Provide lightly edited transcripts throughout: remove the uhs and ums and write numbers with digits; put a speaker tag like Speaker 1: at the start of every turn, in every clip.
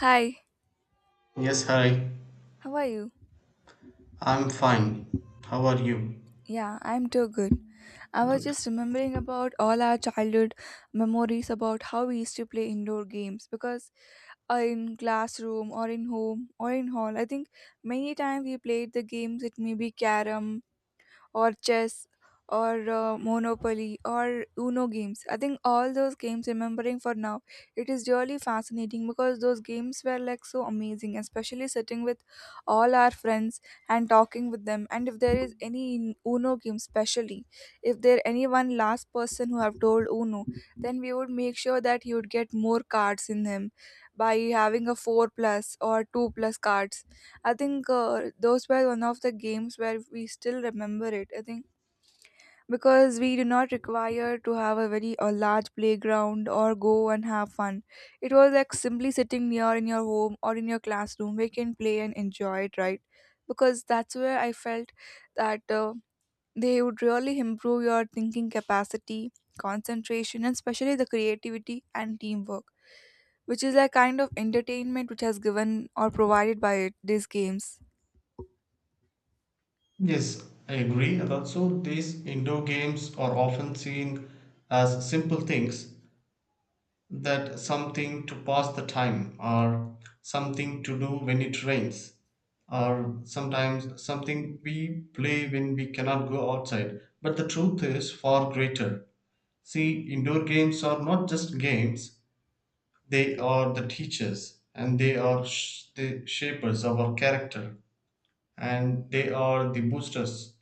Speaker 1: Hi,
Speaker 2: Yes, hi.
Speaker 1: how are you?
Speaker 2: I'm fine. How are you?
Speaker 1: Yeah, I'm too good. I was
Speaker 2: Good.
Speaker 1: just remembering about all our childhood memories about how we used to play indoor games because in classroom or in home or in hall, I think many times we played the games. It may be carom or chess or monopoly or uno games. I think all those games remembering for now, it is really fascinating because those games were like so amazing, especially sitting with all our friends and talking with them. And if there is any in uno game specially, if there any one last person who have told uno, then we would make sure that he would get more cards in him by having a 4 plus or 2 plus cards. I think those were one of the games where we still remember it. I think because we do not require to have a very a large playground or go and have fun. It was like simply sitting near in your home or in your classroom. We can play and enjoy it, right? Because that's where I felt that they would really improve your thinking capacity, concentration, and especially the creativity and teamwork, which is a kind of entertainment which has given or provided by it, these games.
Speaker 2: Yes, I agree. And also, these indoor games are often seen as simple things, that something to pass the time, or something to do when it rains, or sometimes something we play when we cannot go outside. But the truth is far greater. See, indoor games are not just games. They are the teachers and they are the shapers of our character, and they are the boosters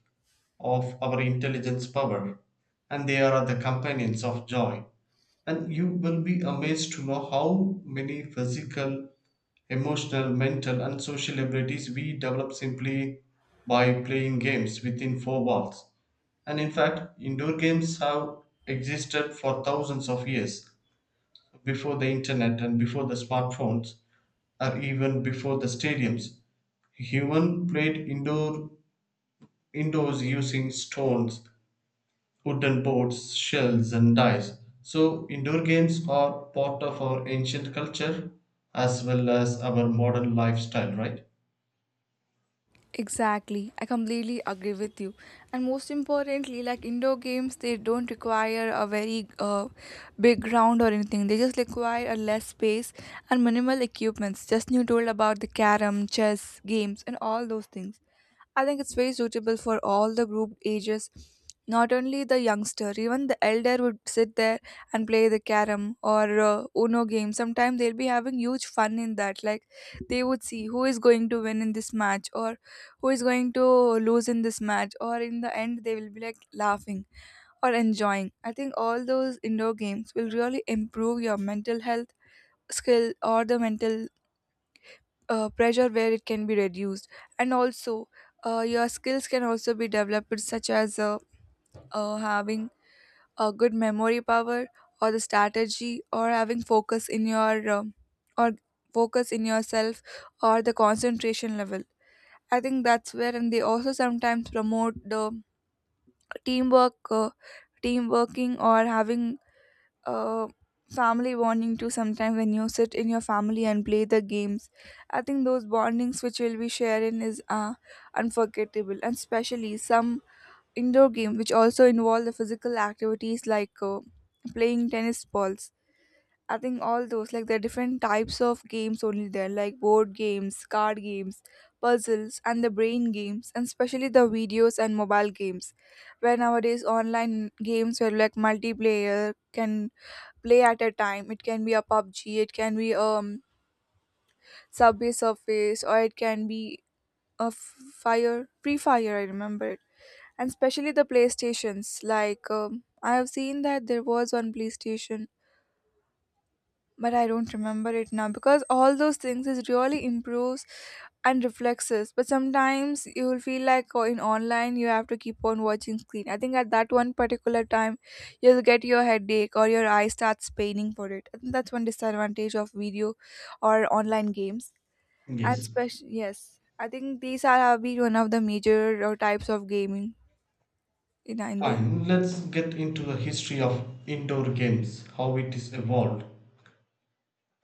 Speaker 2: of our intelligence power, and they are the companions of joy. And you will be amazed to know how many physical, emotional, mental, and social abilities we develop simply by playing games within four walls. And in fact, indoor games have existed for thousands of years before the internet and before the smartphones, or even before the stadiums, human played indoors using stones, wooden boards, shells, and dice. So, indoor games are part of our ancient culture as well as our modern lifestyle, right?
Speaker 1: Exactly, I completely agree with you. And most importantly, like indoor games, they don't require a very big ground or anything. They just require a less space and minimal equipments. Just you told about the carom, chess games, and all those things. I think it's very suitable for all the group ages, not only the youngster, even the elder would sit there and play the carom or Uno game. Sometimes they'll be having huge fun in that. Like they would see who is going to win in this match or who is going to lose in this match, or in the end, they will be like laughing or enjoying. I think all those indoor games will really improve your mental health skill or the mental pressure where it can be reduced, and also your skills can also be developed, such as having a good memory power or the strategy or having focus in your or focus in yourself or the concentration level. I think that's where, and they also sometimes promote the teamwork, team working, or having uh, family bonding too, sometimes when you sit in your family and play the games. I think those bondings which we'll be sharing is unforgettable, and especially some indoor game which also involve the physical activities like playing tennis balls. I think all those, like there are different types of games only there, like board games, card games, puzzles, and the brain games, and especially the videos and mobile games, where nowadays online games where like multiplayer can play at a time. It can be a PUBG, it can be Subway Surface, or it can be a f- fire Free Fire. I remember it, and especially the PlayStations. Like I have seen that there was one PlayStation but I don't remember it now because all those things is really improves and reflexes. But sometimes you will feel like, oh, in online you have to keep on watching screen. I think at that one particular time you'll get your headache or your eye starts paining for it. I think that's one disadvantage of video or online games. And
Speaker 2: Yes.
Speaker 1: special, yes, I think these are have been one of the major types of gaming in indoor.
Speaker 2: Fine, let's get into the history of indoor games, how it is evolved.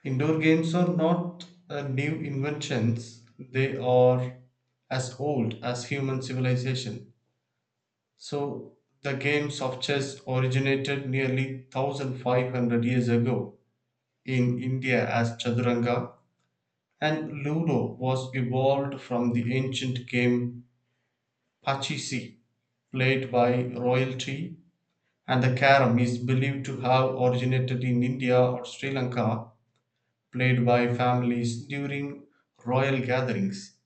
Speaker 2: Indoor games are not new inventions, they are as old as human civilization. So the games of chess originated nearly 1500 years ago in India as Chaturanga, and Ludo was evolved from the ancient game Pachisi, played by royalty, and the carom is believed to have originated in India or Sri Lanka, played by families during royal gatherings,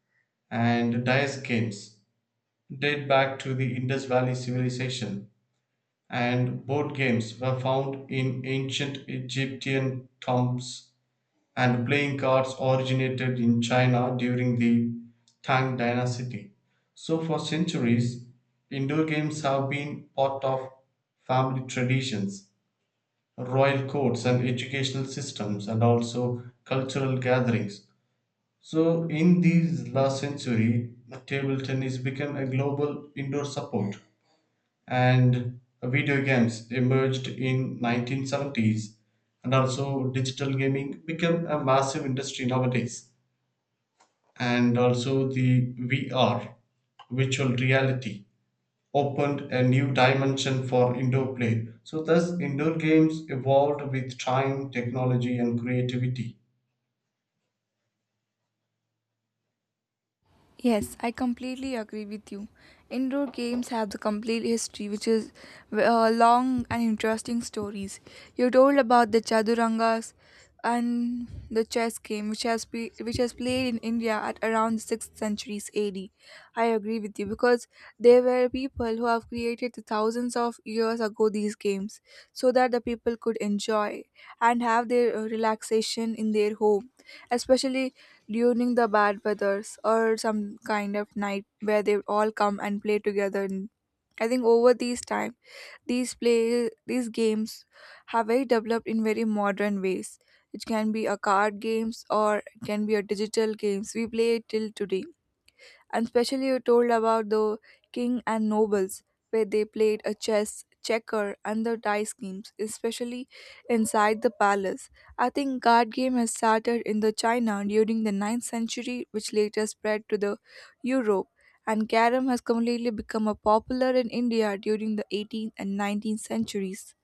Speaker 2: and dice games date back to the Indus Valley civilization, and board games were found in ancient Egyptian tombs, and playing cards originated in China during the Tang dynasty. So, for centuries, indoor games have been part of family traditions, royal courts, and educational systems, and also cultural gatherings. So, in this last century, table tennis became a global indoor sport and video games emerged in 1970s, and also digital gaming became a massive industry nowadays, and also the VR, virtual reality, opened a new dimension for indoor play. So thus indoor games evolved with time, technology, and creativity.
Speaker 1: Yes, I completely agree with you. Indoor games have the complete history, which is long and interesting stories. You told about the chadurangas and the chess game, which has played in India at around the sixth centuries AD. I agree with you because there were people who have created the thousands of years ago these games so that the people could enjoy and have their relaxation in their home, especially during the bad weathers or some kind of night where they all come and play together. And I think over these time these games have very developed in very modern ways. It can be a card games or it can be a digital games, we play it till today. And especially you told about the king and nobles where they played a chess, checker and the dice games, especially inside the palace. I think card game has started in the China during the ninth century, which later spread to the Europe, and carom has completely become a popular in India during the 18th and 19th centuries.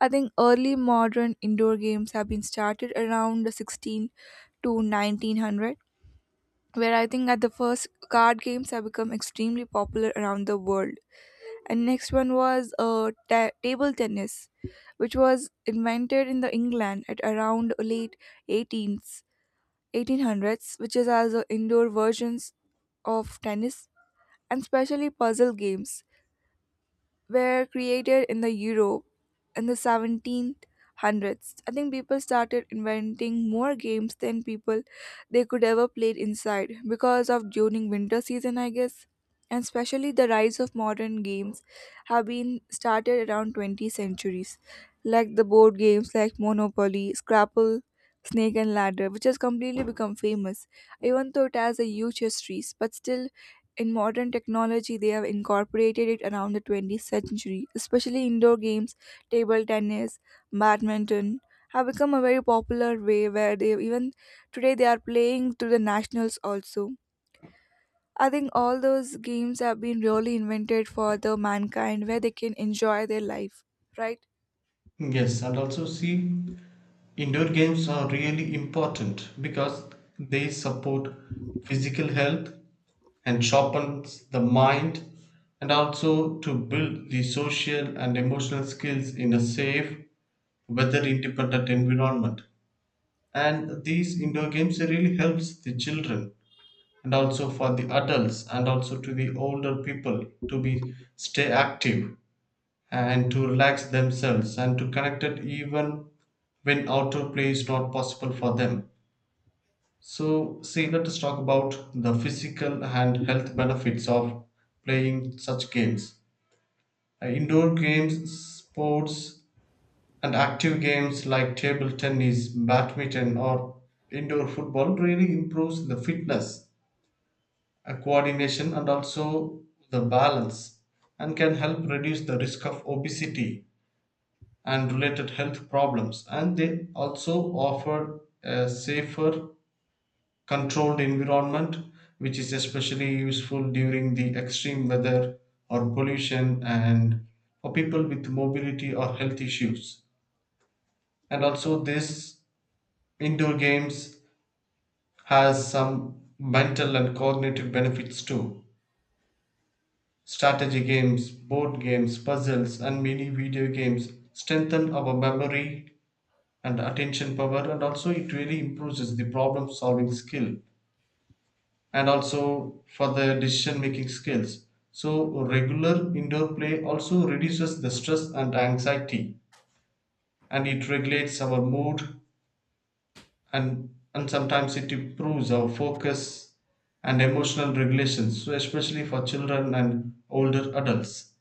Speaker 1: I think early modern indoor games have been started around the 16 to 1900, where I think at the first, card games have become extremely popular around the world. And next one was table tennis, which was invented in the England at around late 18th, 1800s, which is as indoor versions of tennis. And especially puzzle games were created in the Europe in the 1700s. I think people started inventing more games than people they could ever play inside because of during winter season, I guess. And especially the rise of modern games have been started around 20 centuries, like the board games like Monopoly, Scrabble, Snake and Ladder, which has completely become famous, even though it has a huge history, but still in modern technology, they have incorporated it around the 20th century, especially indoor games, table tennis, badminton have become a very popular way where they even today they are playing to the nationals also. I think all those games have been really invented for the mankind where they can enjoy their life, right?
Speaker 2: Yes, and also see, indoor games are really important because they support physical health and sharpens the mind, and also to build the social and emotional skills in a safe, weather independent environment. And these indoor games really helps the children and also for the adults and also to the older people to be stay active and to relax themselves and to connect it even when outdoor play is not possible for them. So, see, let us talk about the physical and health benefits of playing such games. Indoor games, sports, and active games like table tennis, badminton, or indoor football really improves the fitness, coordination, and also the balance, and can help reduce the risk of obesity and related health problems. And they also offer a safer, controlled environment, which is especially useful during the extreme weather or pollution and for people with mobility or health issues. And also this indoor games has some mental and cognitive benefits too. Strategy games, board games, puzzles, and mini video games strengthen our memory and attention power, and also it really improves the problem solving skill and also for the decision making skills. So regular indoor play also reduces the stress and anxiety, and it regulates our mood, and sometimes it improves our focus and emotional regulations, so especially for children and older adults.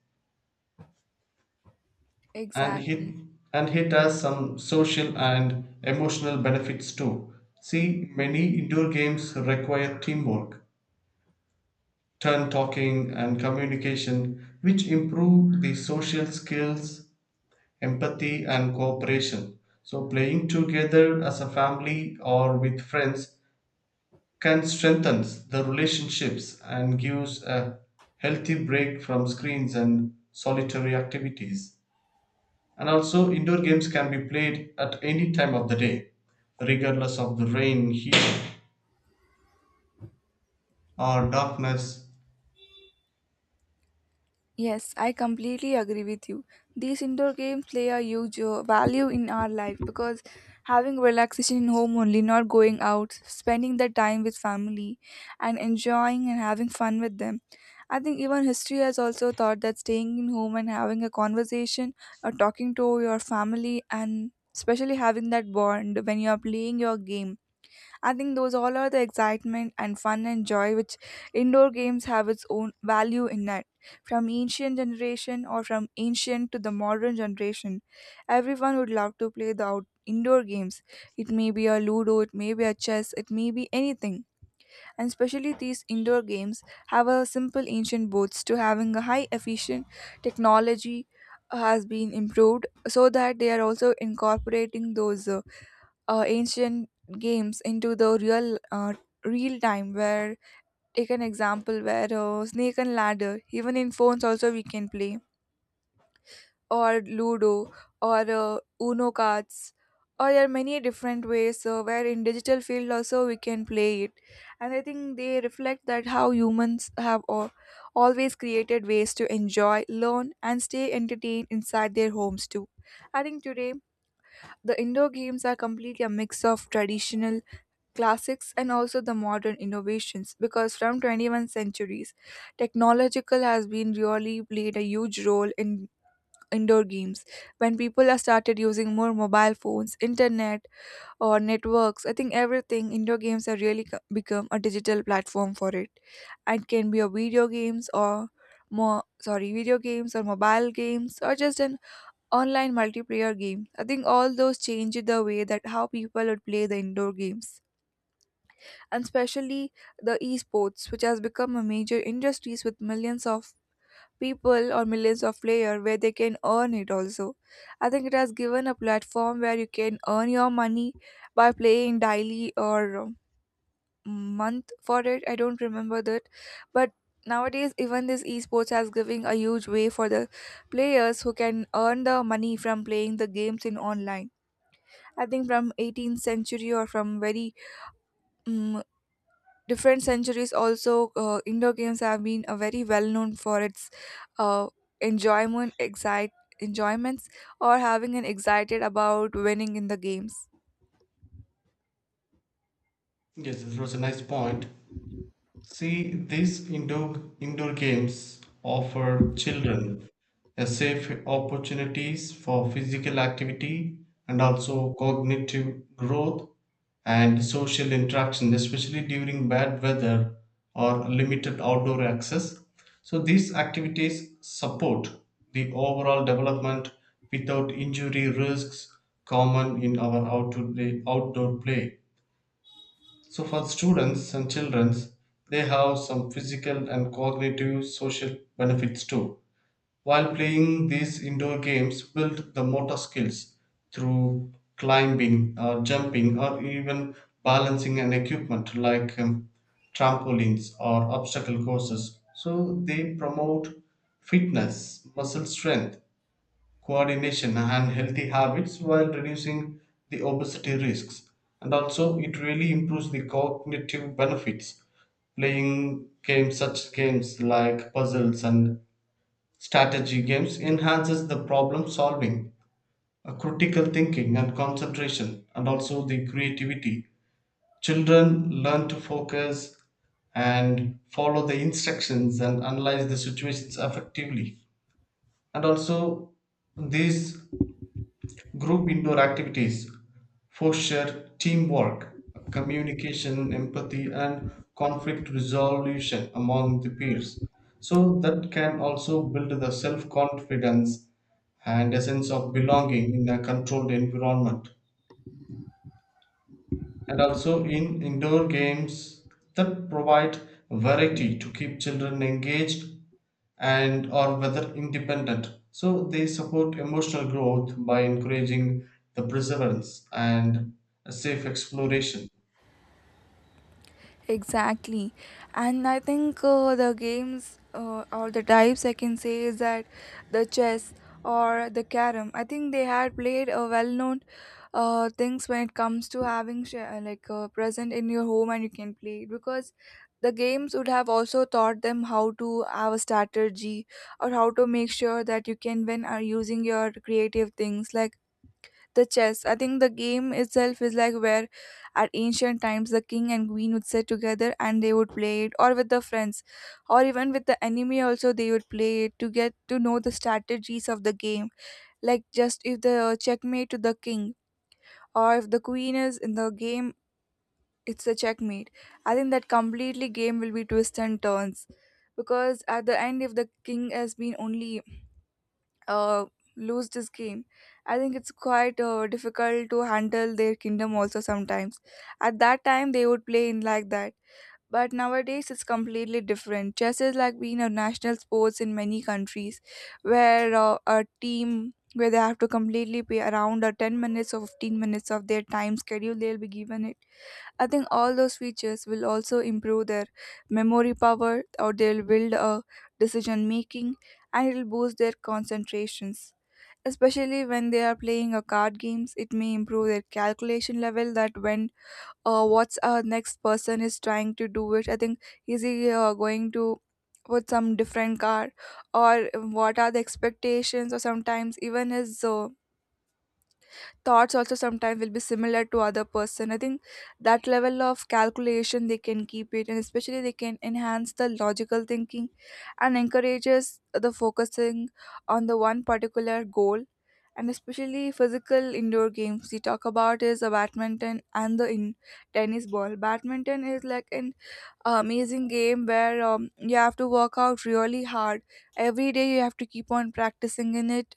Speaker 2: and
Speaker 1: Exactly.
Speaker 2: it and it has some social and emotional benefits too. See, many indoor games require teamwork, turn talking, and communication, which improve the social skills, empathy, and cooperation. So, playing together as a family or with friends can strengthen the relationships and gives a healthy break from screens and solitary activities. And also, indoor games can be played at any time of the day, regardless of the rain, heat, or darkness.
Speaker 1: Yes, I completely agree with you. These indoor games play a huge value in our life because having relaxation in home only, not going out, spending the time with family and enjoying and having fun with them. I think even history has also thought that staying in home and having a conversation or talking to your family and especially having that bond when you are playing your game, I think those all are the excitement and fun and joy which indoor games have its own value in it. From ancient generation or from ancient to the modern generation, everyone would love to play the indoor games. It may be a ludo, it may be a chess, it may be anything. And especially these indoor games have a simple ancient boats to having a high efficient technology has been improved so that they are also incorporating those ancient games into the real time where take an example where snake and ladder even in phones also we can play, or ludo, or uno cards, or there are many different ways where in digital field also we can play it. And I think they reflect that how humans have always created ways to enjoy, learn and stay entertained inside their homes too. I think today the indoor games are completely a mix of traditional classics and also the modern innovations, because from 21st centuries, technological has been really played a huge role in indoor games. When people have started using more mobile phones, internet or networks, I think everything indoor games have really become a digital platform for it. It can be a video games or more, sorry, video games or mobile games or just an online multiplayer game. I think all those change the way that how people would play the indoor games. And especially the esports, which has become a major industries with millions of people or millions of players where they can earn it also. I think it has given a platform where you can earn your money by playing daily or month for it. I don't remember that, but nowadays even this esports has giving a huge way for the players who can earn the money from playing the games in online. I think from 18th century or from very mm different centuries also indoor games have been very well known for its uh, enjoyment excite enjoyments or having an excited about winning in the games.
Speaker 2: Yes, it was a nice point. See, these indoor games offer children a safe opportunities for physical activity and also cognitive growth and social interaction, especially during bad weather or limited outdoor access. So these activities support the overall development without injury risks common in our outdoor play. So for students and children, they have some physical and cognitive social benefits too. While playing these indoor games, build the motor skills through climbing, or jumping, or even balancing an equipment like trampolines or obstacle courses. So they promote fitness, muscle strength, coordination, and healthy habits while reducing the obesity risks. And also, it really improves the cognitive benefits. Playing games, such games like puzzles and strategy games, enhances the problem solving, critical thinking and concentration and also the creativity. Children learn to focus and follow the instructions and analyze the situations effectively. And also these group indoor activities foster teamwork, communication, empathy, and conflict resolution among the peers. So that can also build the self confidence and a sense of belonging in a controlled environment. And also in indoor games that provide variety to keep children engaged and or whether independent, so they support emotional growth by encouraging the perseverance and a safe exploration.
Speaker 1: Exactly. And I think the games or the types I can say is that the chess or the carom. I think they had played a well-known things when it comes to having like present in your home, and you can play it because the games would have also taught them how to have a strategy, or how to make sure that you can win are using your creative things like the chess. I think the game itself is like where at ancient times, the king and queen would sit together and they would play it, or with the friends, or even with the enemy also they would play it to get to know the strategies of the game. Like just if the checkmate to the king, or if the queen is in the game, it's a checkmate. I think that completely game will be twists and turns, because at the end if the king has been only uh, lose this game, I think it's quite difficult to handle their kingdom also sometimes. At that time they would play in like that. But nowadays it's completely different. Chess is like being a national sports in many countries where a team, where they have to completely pay around 10 minutes or 15 minutes of their time schedule they'll be given it. I think all those features will also improve their memory power, or they'll build a decision making, and it'll boost their concentrations. Especially when they are playing a card games, it may improve their calculation level, that when what's our next person is trying to do it. I think is he going to with some different card, or what are the expectations, or sometimes even his thoughts also sometimes will be similar to other person. I think that level of calculation they can keep it, and especially they can enhance the logical thinking and encourages the focusing on the one particular goal. And especially physical indoor games we talk about is a badminton, and the in tennis ball. Badminton is like an amazing game where you have to work out really hard. Every day you have to keep on practicing in it,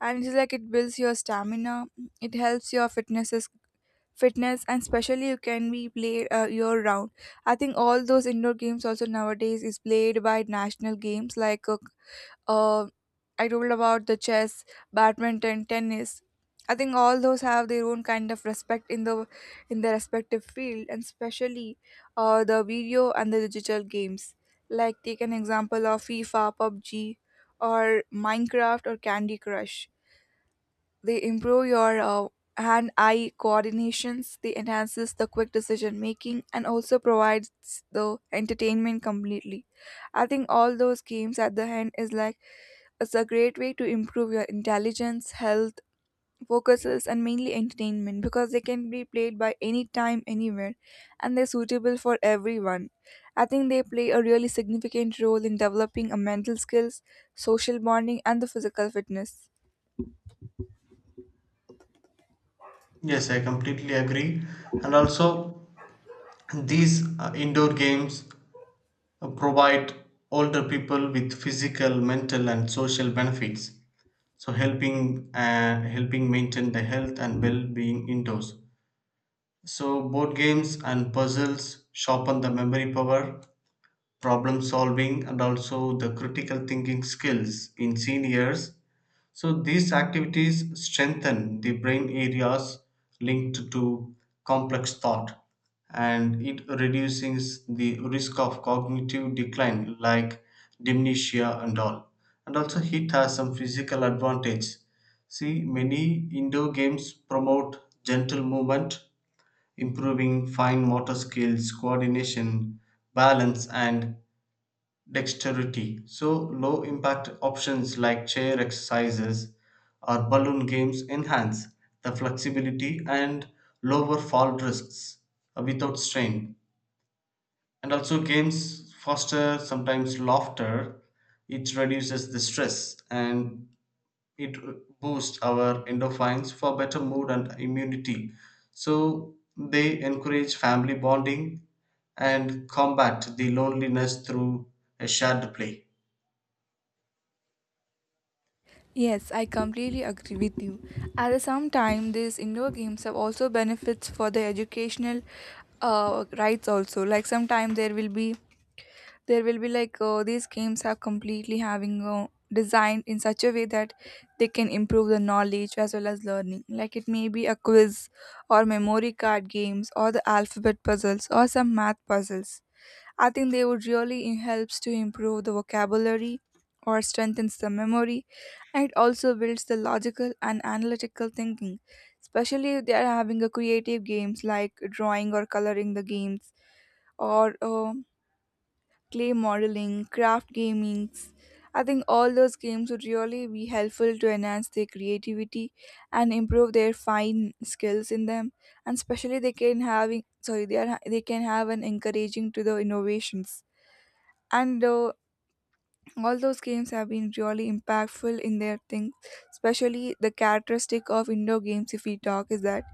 Speaker 1: and it's like it builds your stamina, it helps your fitness, and especially you can be played year round. I think all those indoor games also nowadays is played by national games like uh, I told about the chess, badminton, tennis. I think all those have their own kind of respect in their respective field, and especially the video and the digital games. Like take an example of FIFA, PUBG, or Minecraft, or Candy Crush. They improve your hand-eye coordinations, they enhances the quick decision making, and also provides the entertainment completely. I think all those games at the end is like it's a great way to improve your intelligence, health, focuses, and mainly entertainment, because they can be played by any time anywhere, and they're suitable for everyone. I think they play a really significant role in developing a mental skills, social bonding, and the physical fitness.
Speaker 2: Yes, I completely agree. And also these indoor games provide older people with physical, mental, and social benefits, so helping helping maintain the health and well-being indoors. So, board games and puzzles sharpen the memory power, problem solving, and also the critical thinking skills in seniors. So, these activities strengthen the brain areas linked to complex thought, and it reduces the risk of cognitive decline like dementia and all. And also, it has some physical advantage. See, many indoor games promote gentle movement, improving fine motor skills, coordination, balance, and dexterity. So, low impact options like chair exercises or balloon games enhance the flexibility and lower fall risks without strain. And also, games foster sometimes laughter, it reduces the stress and it boosts our endorphins for better mood and immunity. So they encourage family bonding and combat the loneliness through a shared play.
Speaker 1: Yes, I completely agree with you. At the same time, these indoor games have also benefits for the educational rights also. Like sometimes there will be like these games are completely having designed in such a way that they can improve the knowledge as well as learning. Like it may be a quiz, or memory card games, or the alphabet puzzles, or some math puzzles. I think they would really helps to improve the vocabulary, or strengthens the memory. And it also builds the logical and analytical thinking, especially if they are having a creative games like drawing or coloring the games, or clay modeling, craft gamings. I think all those games would really be helpful to enhance their creativity and improve their fine skills in them. And especially they can having, sorry, they are, they can have an encouraging to the innovations, and all those games have been really impactful in their things. Especially the characteristic of indoor games, if we talk, is that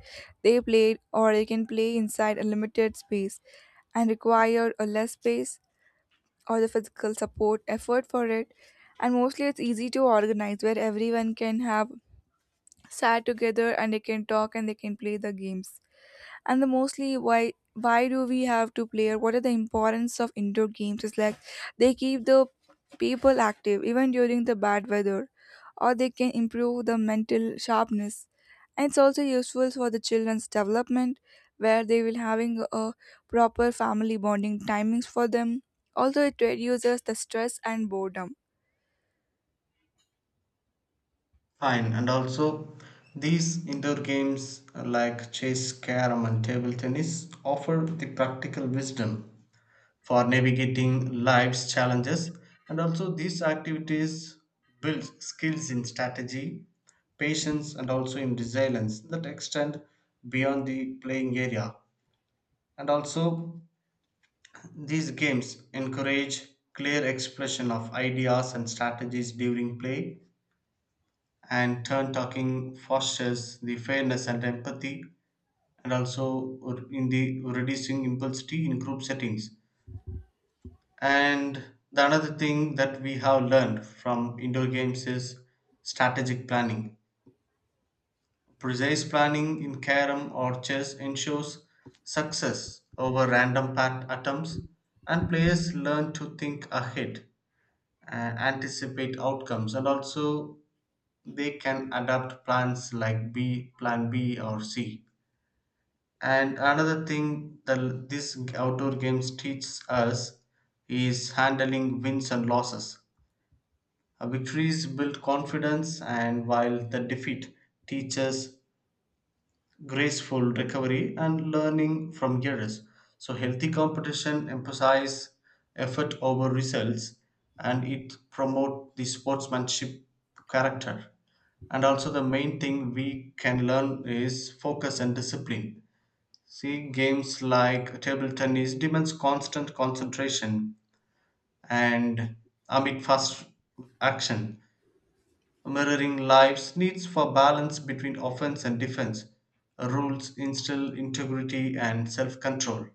Speaker 1: they played or they can play inside a limited space, and require a less space, or the physical support effort for it. And mostly it's easy to organize, where everyone can have sat together and they can talk and they can play the games. And the mostly why do we have to play, or what are the importance of indoor games, is like they keep the people active even during the bad weather, or they can improve the mental sharpness. And it's also useful for the children's development, where they will having a proper family bonding timings for them. Also it reduces the stress and boredom.
Speaker 2: Fine, and also these indoor games like chess, carom, and table tennis offer the practical wisdom for navigating life's challenges. And also, these activities build skills in strategy, patience, and also in resilience that extend beyond the playing area. And also these games encourage clear expression of ideas and strategies during play, and turn talking fosters the fairness and empathy, and also in the reducing impulsivity in group settings. And the another thing that we have learned from indoor games is strategic planning. Precise planning in carom or chess ensures success over random pat attempts, and players learn to think ahead, uh, anticipate outcomes, and also they can adapt plans like B, plan B or C. And another thing that this outdoor games teaches us is handling wins and losses. Victories build confidence, and while the defeat teaches graceful recovery and learning from errors. So, healthy competition emphasizes effort over results, and it promotes the sportsmanship character. And also, the main thing we can learn is focus and discipline. See, games like table tennis demands constant concentration and amid fast action, mirroring life's needs for balance between offense and defense. Rules instill integrity and self control.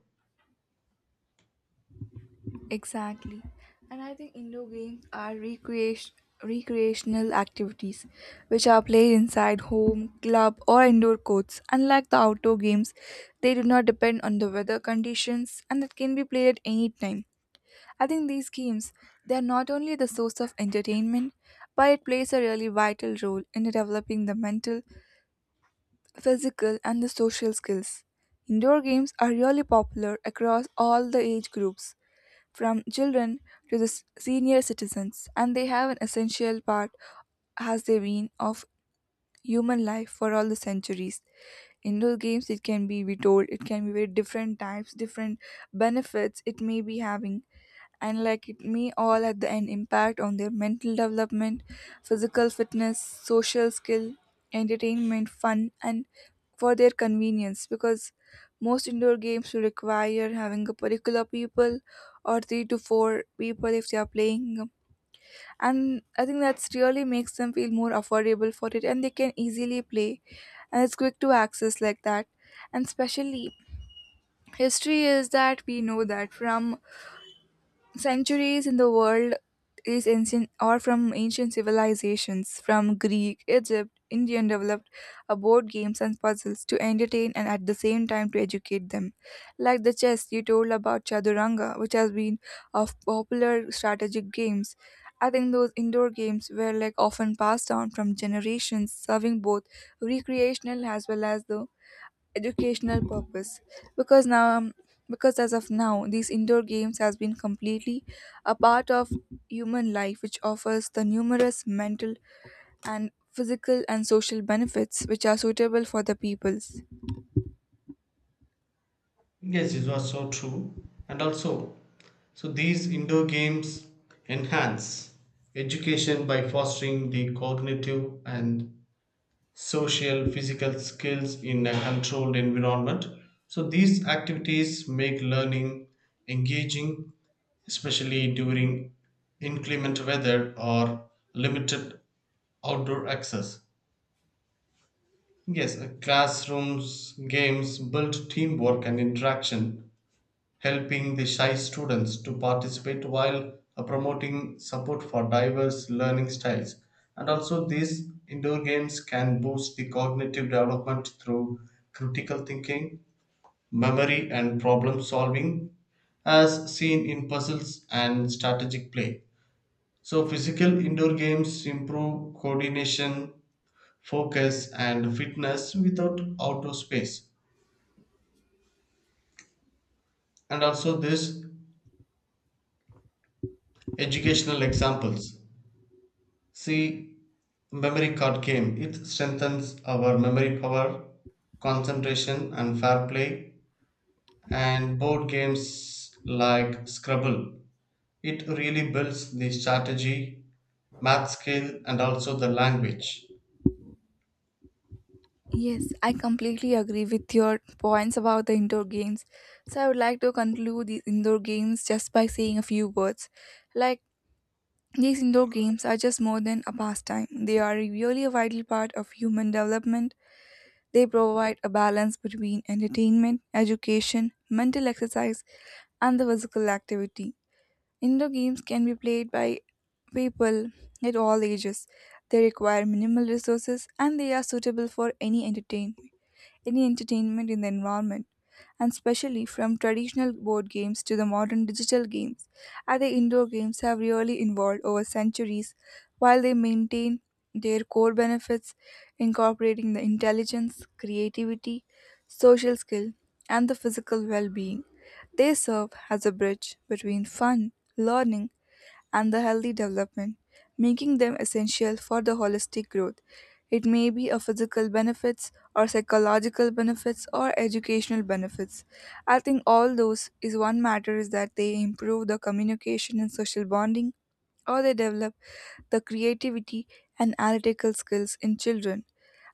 Speaker 1: Exactly. And I think indoor games are recreational activities which are played inside home, club, or indoor courts. Unlike the outdoor games, they do not depend on the weather conditions, and that can be played at any time. I think these games, they are not only the source of entertainment, but it plays a really vital role in developing the mental, physical, and the social skills. Indoor games are really popular across all the age groups, from children to the senior citizens, and they have an essential part, has they been, of human life for all the centuries. Indoor games, it can be, we told, it can be very different types, different benefits it may be having. And like it may all at the end impact on their mental development, physical fitness, social skill, entertainment, fun, and for their convenience, because most indoor games will require having a particular people, or three to four people if they are playing, and I think that's really makes them feel more affordable for it, and they can easily play, and it's quick to access like that. And especially history is that we know that from centuries in the world, is ancient or from ancient civilizations, from Greek, Egypt, Indian developed a board games and puzzles to entertain and at the same time to educate them. Like the chess you told about Chaduranga, which has been of popular strategic games. I think those indoor games were like often passed down from generations, serving both recreational as well as the educational purpose, because now um, because as of now these indoor games has been completely a part of human life, which offers the numerous mental and physical and social benefits, which are suitable for the peoples.
Speaker 2: Yes, it was so true. And also, so these indoor games enhance education by fostering the cognitive and social physical skills in a controlled environment, so these activities make learning engaging, especially during inclement weather or limited outdoor access. Yes, classrooms games build teamwork and interaction, helping the shy students to participate while promoting support for diverse learning styles. And also, these indoor games can boost the cognitive development through critical thinking, memory, and problem solving, as seen in puzzles and strategic play. So, physical indoor games improve coordination, focus, and fitness without outdoor space. And also, these educational examples, see, memory card game. It strengthens our memory power, concentration, and fair play. And board games like Scrabble. It really builds the strategy, math skill, and also the language.
Speaker 1: Yes, I completely agree with your points about the indoor games. So I would like to conclude these indoor games just by saying a few words, like, these indoor games are just more than a pastime. They are really a vital part of human development. They provide a balance between entertainment, education, mental exercise, and the physical activity. Indoor games can be played by people at all ages. They require minimal resources, and they are suitable for any entertainment in the environment. And especially from traditional board games to the modern digital games, and the indoor games have really evolved over centuries while they maintain their core benefits, incorporating the intelligence, creativity, social skill, and the physical well being. They serve as a bridge between fun, learning, and the healthy development, making them essential for the holistic growth. It may be a physical benefits, or psychological benefits, or educational benefits. I think all those is one matter is that they improve the communication and social bonding, or they develop the creativity and analytical skills in children.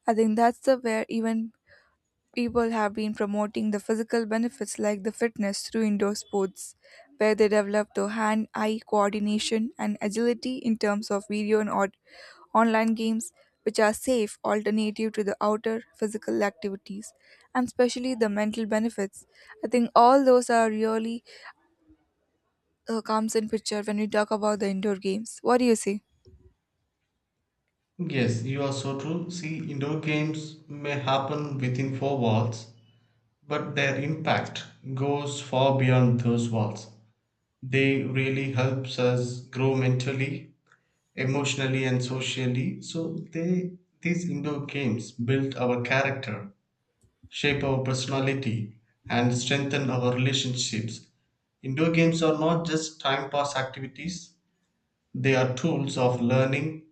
Speaker 1: I think that's the where even people have been promoting the physical benefits like the fitness through indoor sports, where they develop the hand eye coordination and agility in terms of video and online games, which are safe alternative to the outer physical activities, and especially the mental benefits. I think all those are really comes in picture when we talk about the indoor games. What do you say?
Speaker 2: Yes, you are so true. See, indoor games may happen within four walls, but their impact goes far beyond those walls. They really helps us grow mentally, emotionally, and socially. So they these indoor games build our character, shape our personality, and strengthen our relationships. Indoor games are not just time pass activities, they are tools of learning,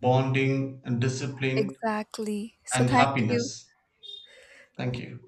Speaker 2: bonding, and discipline
Speaker 1: Exactly. So
Speaker 2: and
Speaker 1: thank you.
Speaker 2: happiness. Thank you.